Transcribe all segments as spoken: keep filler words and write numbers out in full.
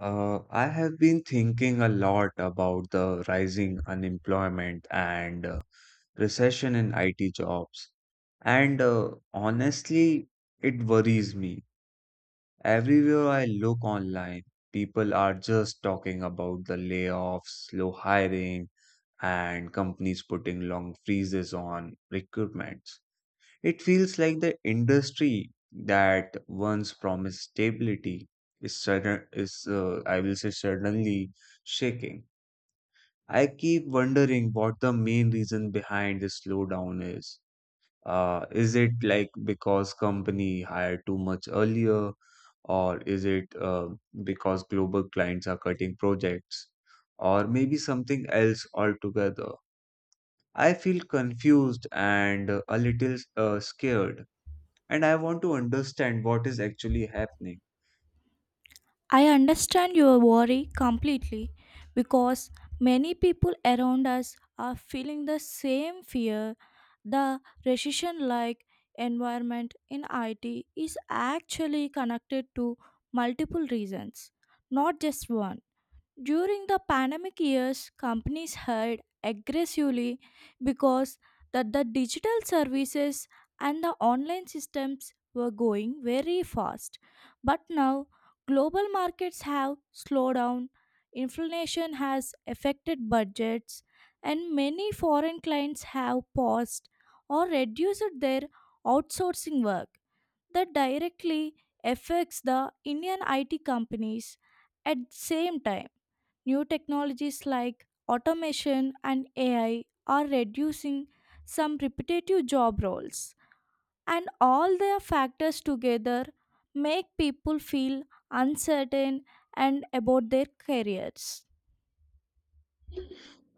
Uh, I have been thinking a lot about the rising unemployment and uh, recession in I T jobs. And uh, honestly, it worries me. Everywhere I look online, people are just talking about the layoffs, slow hiring, and companies putting long freezes on recruitment. It feels like the industry that once promised stability is sudden is uh, I will say suddenly shaking. I keep wondering what the main reason behind this slowdown is. Uh, is it like because company hired too much earlier, or is it uh, because global clients are cutting projects, or maybe something else altogether? I feel confused and uh, a little uh, scared and I want to understand what is actually happening. I understand your worry completely because many people around us are feeling the same fear. The recession like environment in I T is actually connected to multiple reasons, not just one. During the pandemic years, companies hired aggressively because that the digital services and the online systems were going very fast. But now global markets have slowed down, inflation has affected budgets, and many foreign clients have paused or reduced their outsourcing work that directly affects the Indian I T companies. At the same time, new technologies like automation and A I are reducing some repetitive job roles, and all their factors together make people feel uncertain and about their careers.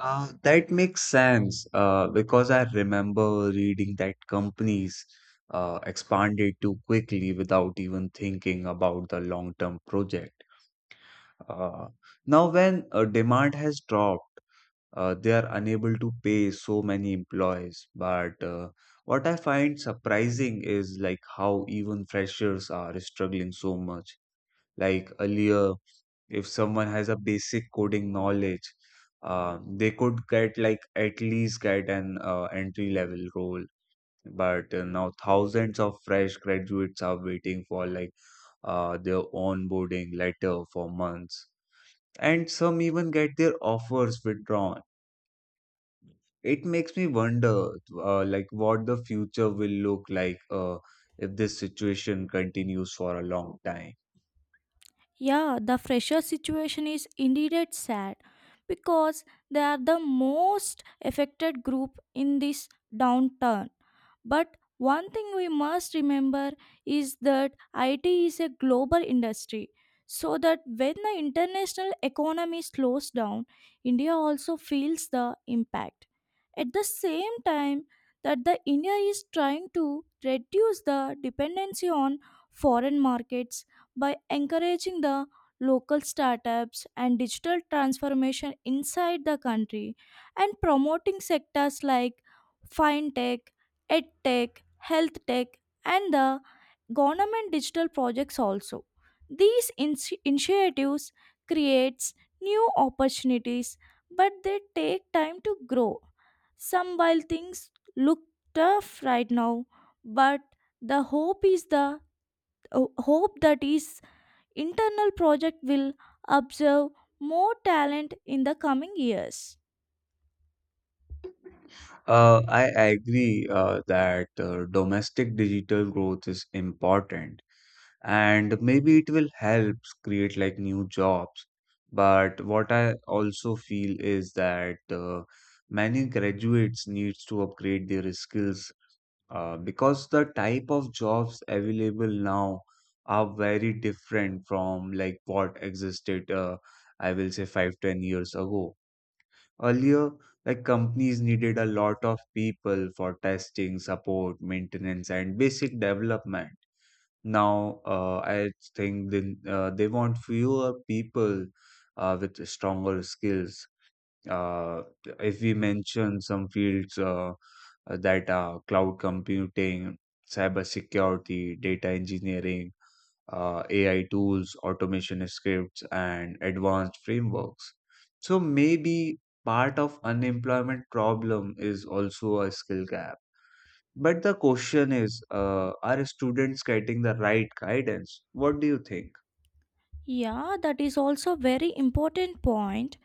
Uh, that makes sense uh, because I remember reading that companies uh, expanded too quickly without even thinking about the long-term project. Uh, now, when uh, demand has dropped, uh, they are unable to pay so many employees. But uh, what I find surprising is like how even freshers are struggling so much. Like earlier, if someone has a basic coding knowledge uh, they could get like at least get an uh, entry level role but uh, now thousands of fresh graduates are waiting for like uh, their onboarding letter for months and some even get their offers withdrawn. It makes me wonder, uh, like what the future will look like uh, if this situation continues for a long time. Yeah, the fresher situation is indeed it's sad because they are the most affected group in this downturn. But one thing we must remember is that I T is a global industry. So that when the international economy slows down, India also feels the impact. At the same time that the India is trying to reduce the dependency on foreign markets by encouraging the local startups and digital transformation inside the country and promoting sectors like fintech, edtech, health tech, and the government digital projects also. These ins- initiatives creates new opportunities, but they take time to grow. Some while things look tough right now, but the hope is the hope that is internal project will observe more talent in the coming years. Uh, I agree uh, that uh, domestic digital growth is important and maybe it will help create like new jobs. But what I also feel is that uh, many graduates needs to upgrade their skills uh, because the type of jobs available now are very different from like what existed uh, I will say five, ten years ago. Earlier, like companies needed a lot of people for testing, support, maintenance, and basic development. Now, uh, I think they, uh, they want fewer people uh, with stronger skills. Uh, if we mention some fields, uh, that are cloud computing, cybersecurity, data engineering, uh, A I tools, automation scripts, and advanced frameworks. So maybe part of unemployment problem is also a skill gap. But the question is, uh, are students getting the right guidance? What do you think? Yeah, that is also very important point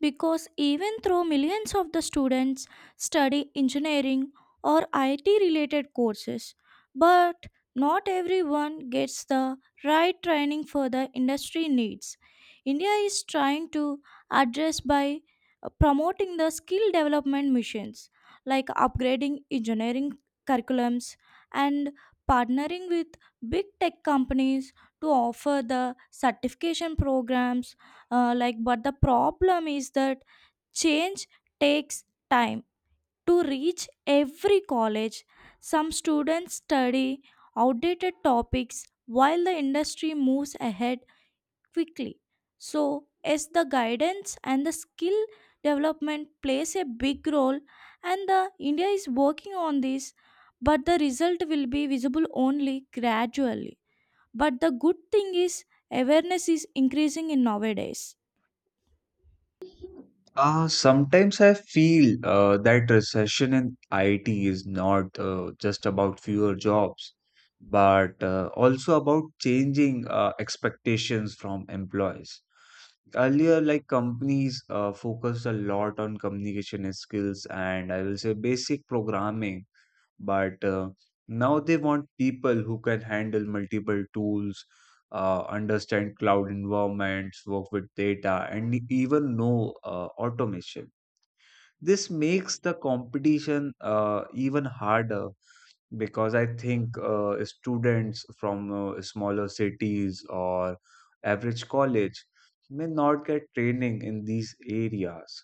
because even though millions of the students study engineering or I T related courses, but not everyone gets the right training for the industry needs. India is trying to address by uh, promoting the skill development missions like upgrading engineering curriculums and partnering with big tech companies to offer the certification programs uh, like but the problem is that change takes time to reach every college. Some students study outdated topics while the industry moves ahead quickly, so as the guidance and the skill development plays a big role, and the india is working on this, but the result will be visible only gradually. But the good thing is awareness is increasing in nowadays. Uh, sometimes I feel uh, that recession in I T is not uh, just about fewer jobs, but uh, also about changing uh, expectations from employees. Earlier, like companies uh, focused a lot on communication skills and I will say basic programming, but uh, now they want people who can handle multiple tools, uh, understand cloud environments, work with data, and even know uh, automation. This makes the competition uh, even harder because I think uh, students from uh, smaller cities or average college may not get training in these areas.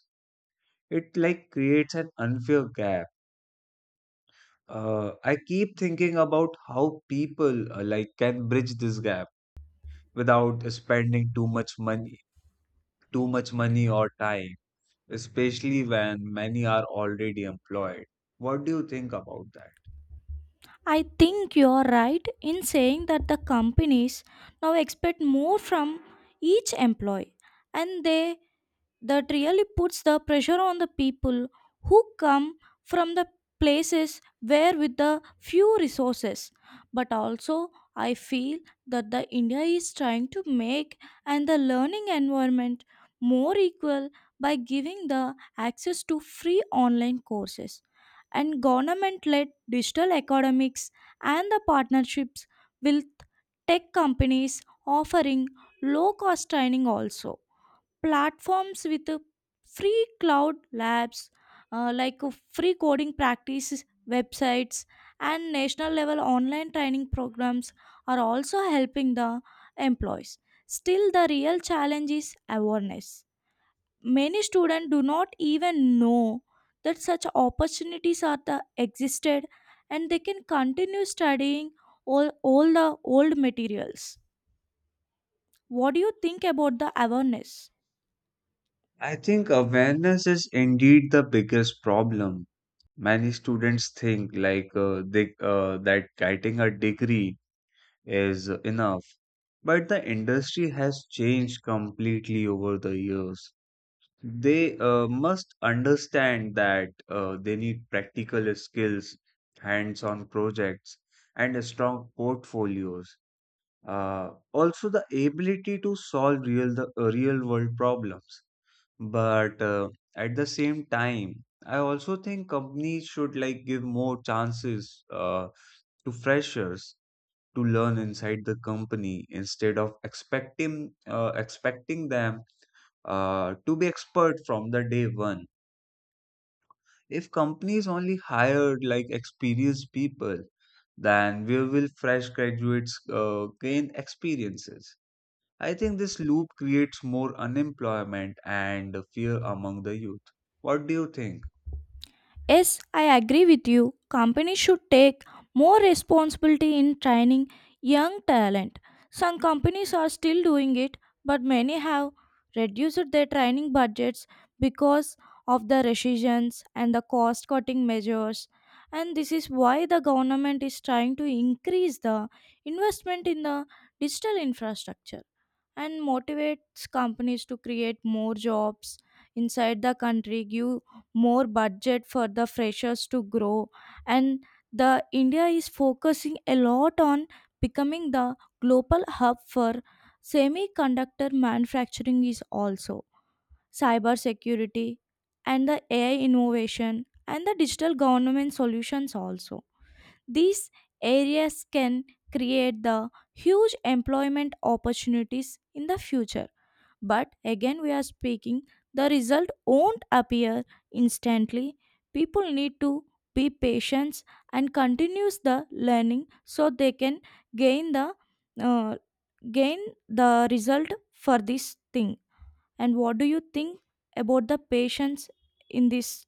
It like creates an unfair gap. Uh, I keep thinking about how people uh, like can bridge this gap without spending too much money, too much money or time, especially when many are already employed. What do you think about that? I think you are right in saying that the companies now expect more from each employee, and they that really puts the pressure on the people who come from the places where with the few resources. But also I feel that the india is trying to make and the learning environment more equal by giving the access to free online courses and government led digital academics and the partnerships with tech companies offering low cost training also, platforms with uh, free cloud labs, uh, like uh, free coding practices websites and national level online training programs are also helping the employees. Still the real challenge is awareness. Many students do not even know that such opportunities are the existed, and they can continue studying all, all the old materials. What do you think about the awareness? I think awareness is indeed the biggest problem. Many students think like uh, they uh, that getting a degree is enough, but the industry has changed completely over the years. They uh, must understand that uh, they need practical skills, hands-on projects, and a strong portfolios. Uh, also, the ability to solve real the uh, real-world problems. But uh, at the same time, I also think companies should like give more chances uh, to freshers to learn inside the company instead of expecting uh, expecting them uh, to be expert from the day one. If companies only hired like experienced people, then where will fresh graduates uh, gain experiences? I think this loop creates more unemployment and fear among the youth. What do you think? Yes, I agree with you. Companies should take more responsibility in training young talent. Some companies are still doing it, but many have reduced their training budgets because of the recessions and the cost cutting measures. And this is why the government is trying to increase the investment in the digital infrastructure and motivates companies to create more jobs inside the country, give more budget for the freshers to grow. And the India is focusing a lot on becoming the global hub for semiconductor manufacturing is also cyber security and the A I innovation and the digital government solutions also. These areas can create the huge employment opportunities in the future. But again, we are speaking, the result won't appear instantly. People need to be patient and continues the learning so they can gain the uh, gain the result for this thing. And what do you think about the patience in this?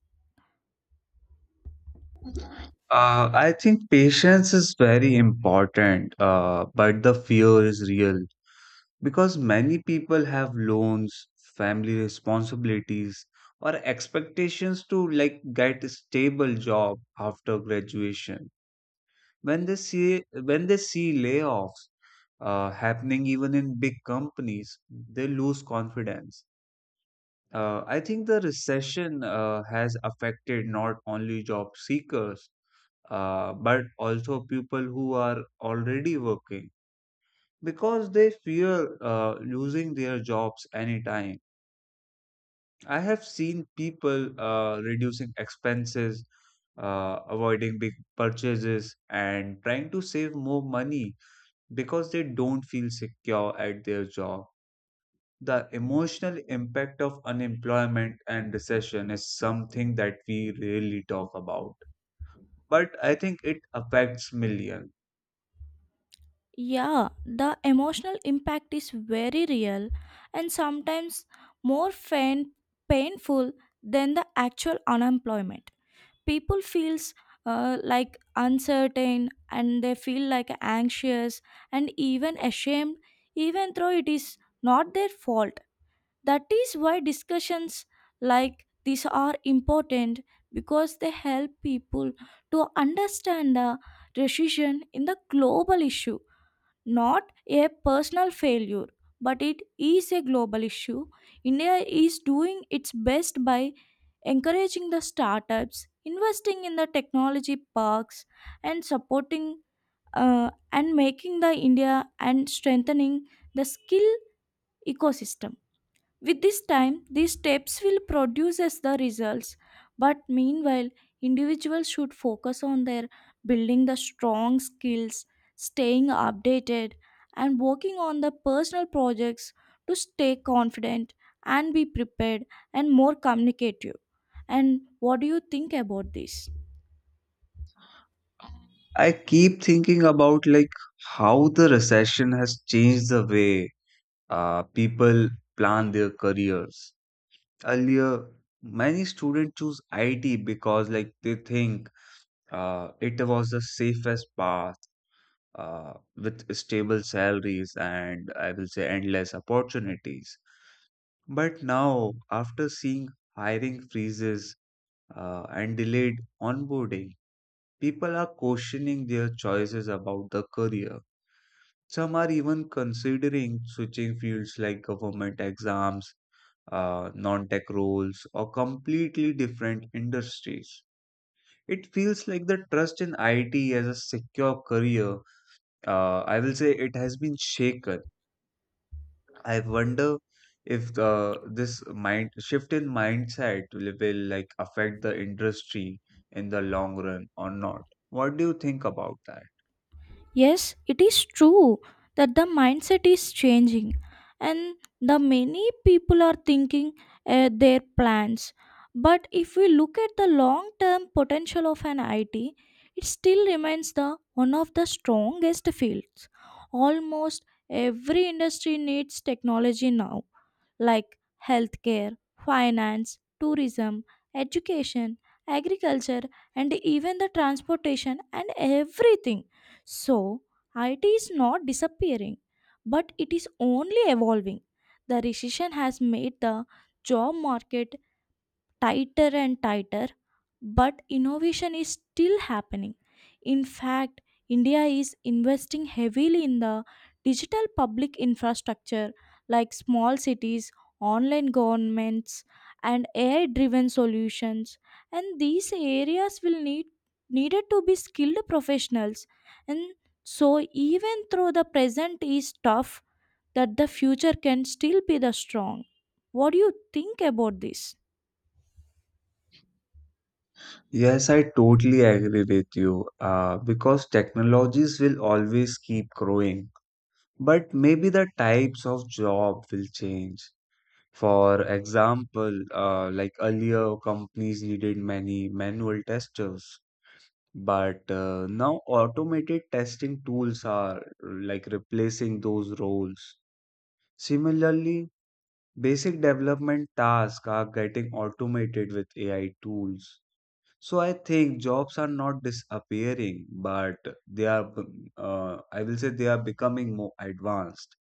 Uh, I think patience is very important, uh, but the fear is real. Because many people have loans, family responsibilities, or expectations to like get a stable job after graduation. When they see when they see layoffs uh, happening even in big companies, they lose confidence. Uh, I think the recession uh, has affected not only job seekers, uh, but also people who are already working because they fear uh, losing their jobs anytime. I have seen people uh, reducing expenses, uh, avoiding big purchases, and trying to save more money because they don't feel secure at their job. The emotional impact of unemployment and recession is something that we rarely talk about, but I think it affects millions. Yeah, the emotional impact is very real and sometimes more fain- painful than the actual unemployment. People feels uh, like uncertain and they feel like anxious and even ashamed even though it is not their fault. That is why discussions like these are important because they help people to understand the recession in the global issue, not a personal failure, but it is a global issue. India is doing its best by encouraging the startups, investing in the technology parks, and supporting uh, and making the India and strengthening the skill ecosystem. With this time, these steps will produce as the results. But meanwhile, individuals should focus on their building the strong skills, staying updated, and working on the personal projects to stay confident and be prepared and more communicative. And what do you think about this? I keep thinking about like how the recession has changed the way uh, people plan their careers. Earlier, many students choose I T because like they think uh, it was the safest path uh, with stable salaries and I will say endless opportunities. But now, after seeing hiring freezes uh, and delayed onboarding, people are questioning their choices about the career. Some are even considering switching fields like government exams, uh, non tech roles, or completely different industries. It feels like the trust in I T as a secure career, uh, I will say it has been shaken. I wonder if uh, this mind shift in mindset will, will like affect the industry in the long run or not. What do you think about that? Yes, it is true that the mindset is changing, and the many people are thinking uh, their plans. But if we look at the long-term potential of an I T, it still remains the one of the strongest fields. Almost every industry needs technology now, like healthcare, finance, tourism, education, agriculture, and even the transportation and everything. So, I T is not disappearing, but it is only evolving. The recession has made the job market tighter and tighter, but innovation is still happening. In fact, India is investing heavily in the digital public infrastructure like small cities, online governments, and A I driven solutions. And these areas will need needed to be skilled professionals. And so even though the present is tough, that the future can still be the strong. What do you think about this? Yes, I totally agree with you. Uh, because technologies will always keep growing. But maybe the types of job will change. For example, uh, like earlier, companies needed many manual testers, but uh, now automated testing tools are like replacing those roles. Similarly, basic development tasks are getting automated with A I tools. So I think jobs are not disappearing, but they are, uh, I will say they are becoming more advanced.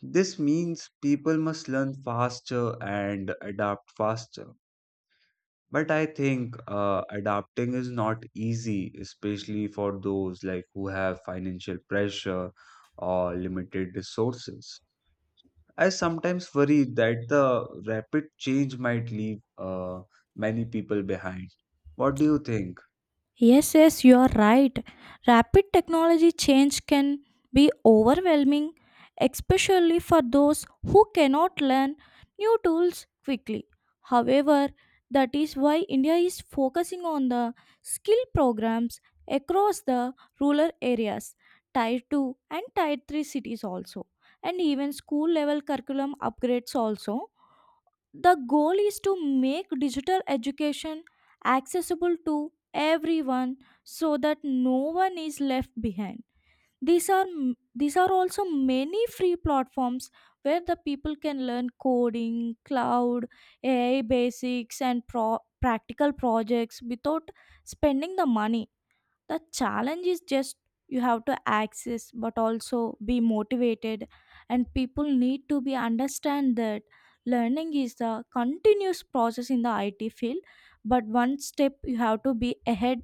This means people must learn faster and adapt faster. But I think uh, adapting is not easy, especially for those like who have financial pressure or limited resources. I sometimes worry that the rapid change might leave uh, many people behind. What do you think? Yes, yes, you are right. Rapid technology change can be overwhelming, especially for those who cannot learn new tools quickly. However, that is why India is focusing on the skill programs across the rural areas, tier two and tier three cities also, and even school level curriculum upgrades also. The goal is to make digital education accessible to everyone so that no one is left behind. These are m- these are also many free platforms where the people can learn coding, cloud, A I basics and pro- practical projects without spending the money. The challenge is just you have to access but also be motivated, and people need to be understand that learning is a continuous process in the I T field, but one step you have to be ahead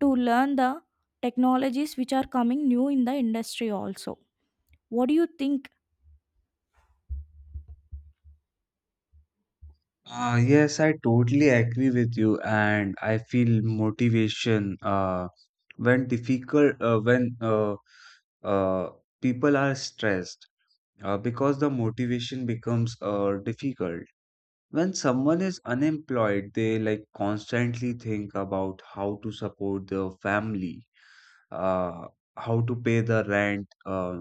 to learn the technologies which are coming new in the industry also. What do you think? Uh, yes, I totally agree with you, and I feel motivation uh, when difficult uh, when uh, uh, people are stressed uh, because the motivation becomes uh, difficult. When someone is unemployed, they like constantly think about how to support their family, uh, how to pay the rent, uh,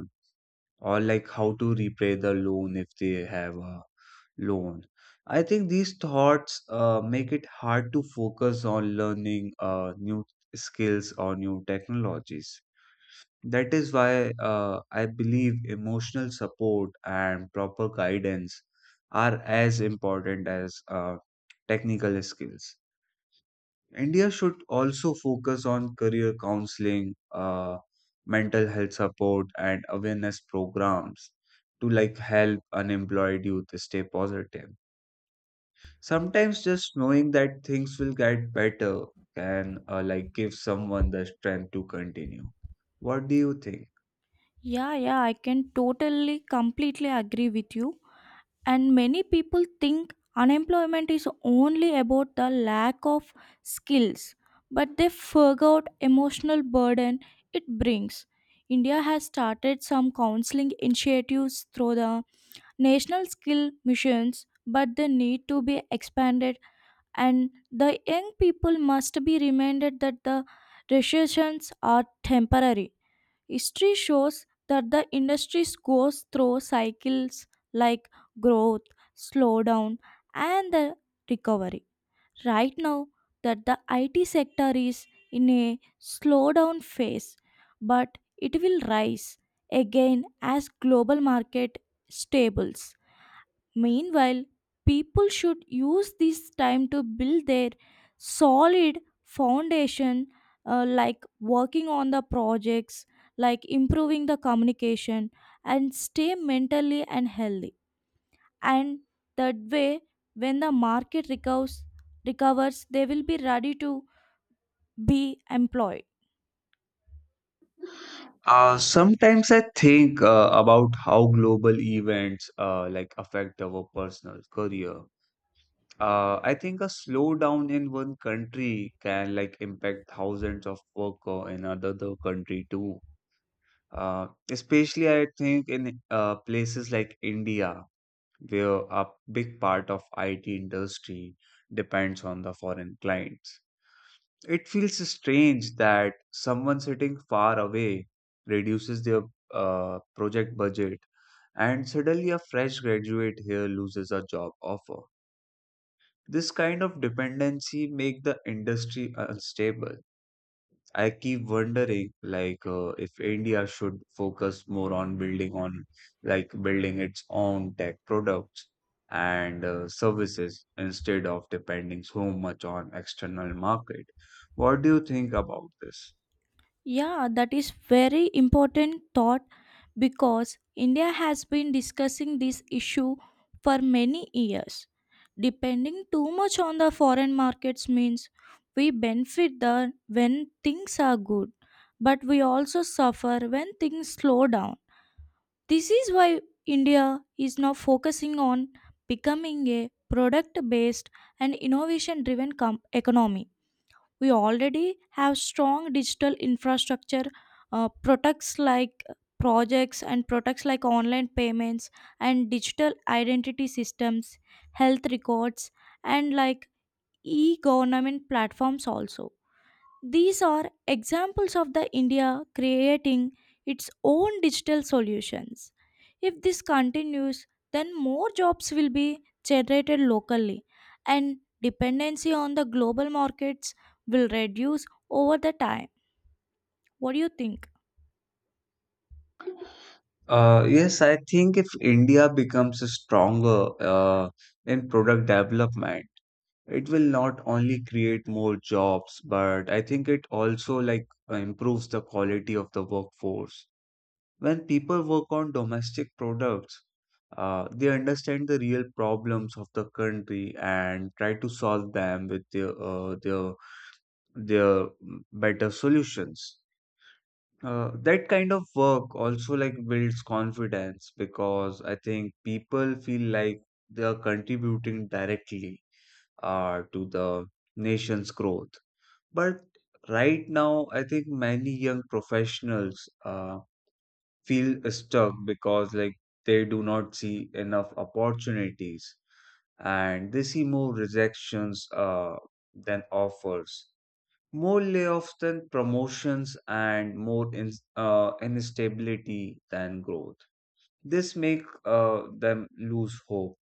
or like how to repay the loan if they have a loan. I think these thoughts uh, make it hard to focus on learning uh, new skills or new technologies. That is why uh, I believe emotional support and proper guidance are as important as uh, technical skills. India should also focus on career counseling, uh, mental health support, and awareness programs to like help unemployed youth stay positive. Sometimes just knowing that things will get better can uh, like give someone the strength to continue. What do you think? Yeah yeah I can totally completely agree with you. And many people think unemployment is only about the lack of skills, but they forgot emotional burden it brings. India has started some counseling initiatives through the national skill missions, but they need to be expanded, and the young people must be reminded that the recessions are temporary. History shows that the industry goes through cycles like growth, slowdown, and the recovery. Right now, that the I T sector is in a slowdown phase, but it will rise again as global market stables. Meanwhile, people should use this time to build their solid foundation, uh, like working on the projects, like improving the communication, and stay mentally and healthy. And that way, when the market recovers, recovers, they will be ready to be employed. Uh, sometimes I think uh, about how global events uh, like affect our personal career. Uh, I think a slowdown in one country can like impact thousands of worker in another country too. Uh, especially I think in uh, places like India where a big part of I T industry depends on the foreign clients. It feels strange that someone sitting far away reduces their uh, project budget and suddenly a fresh graduate here loses a job offer. This kind of dependency make the industry unstable. I keep wondering, like, uh, if India should focus more on building on, like, building its own tech products and uh, services instead of depending so much on external market. What do you think about this? Yeah, that is very important thought because India has been discussing this issue for many years. Depending too much on the foreign markets means we benefit the when things are good, but we also suffer when things slow down. This is why India is now focusing on becoming a product based and innovation driven economy. We already have strong digital infrastructure, uh, products like projects and products like online payments and digital identity systems, health records, and like e-government platforms also. These are examples of the India creating its own digital solutions. If this continues, then more jobs will be generated locally and dependency on the global markets will reduce over the time. What do you think? Uh, yes, I think if India becomes stronger uh, in product development, it will not only create more jobs, but I think it also like improves the quality of the workforce. When people work on domestic products, uh, they understand the real problems of the country and try to solve them with their uh, their their mm, better solutions. Uh, that kind of work also like builds confidence because I think people feel like they are contributing directly uh, to the nation's growth. But right now, I think many young professionals uh, feel stuck because like they do not see enough opportunities and they see more rejections uh, than offers, more layoffs than promotions, and more in, uh, instability than growth. This make uh, them lose hope.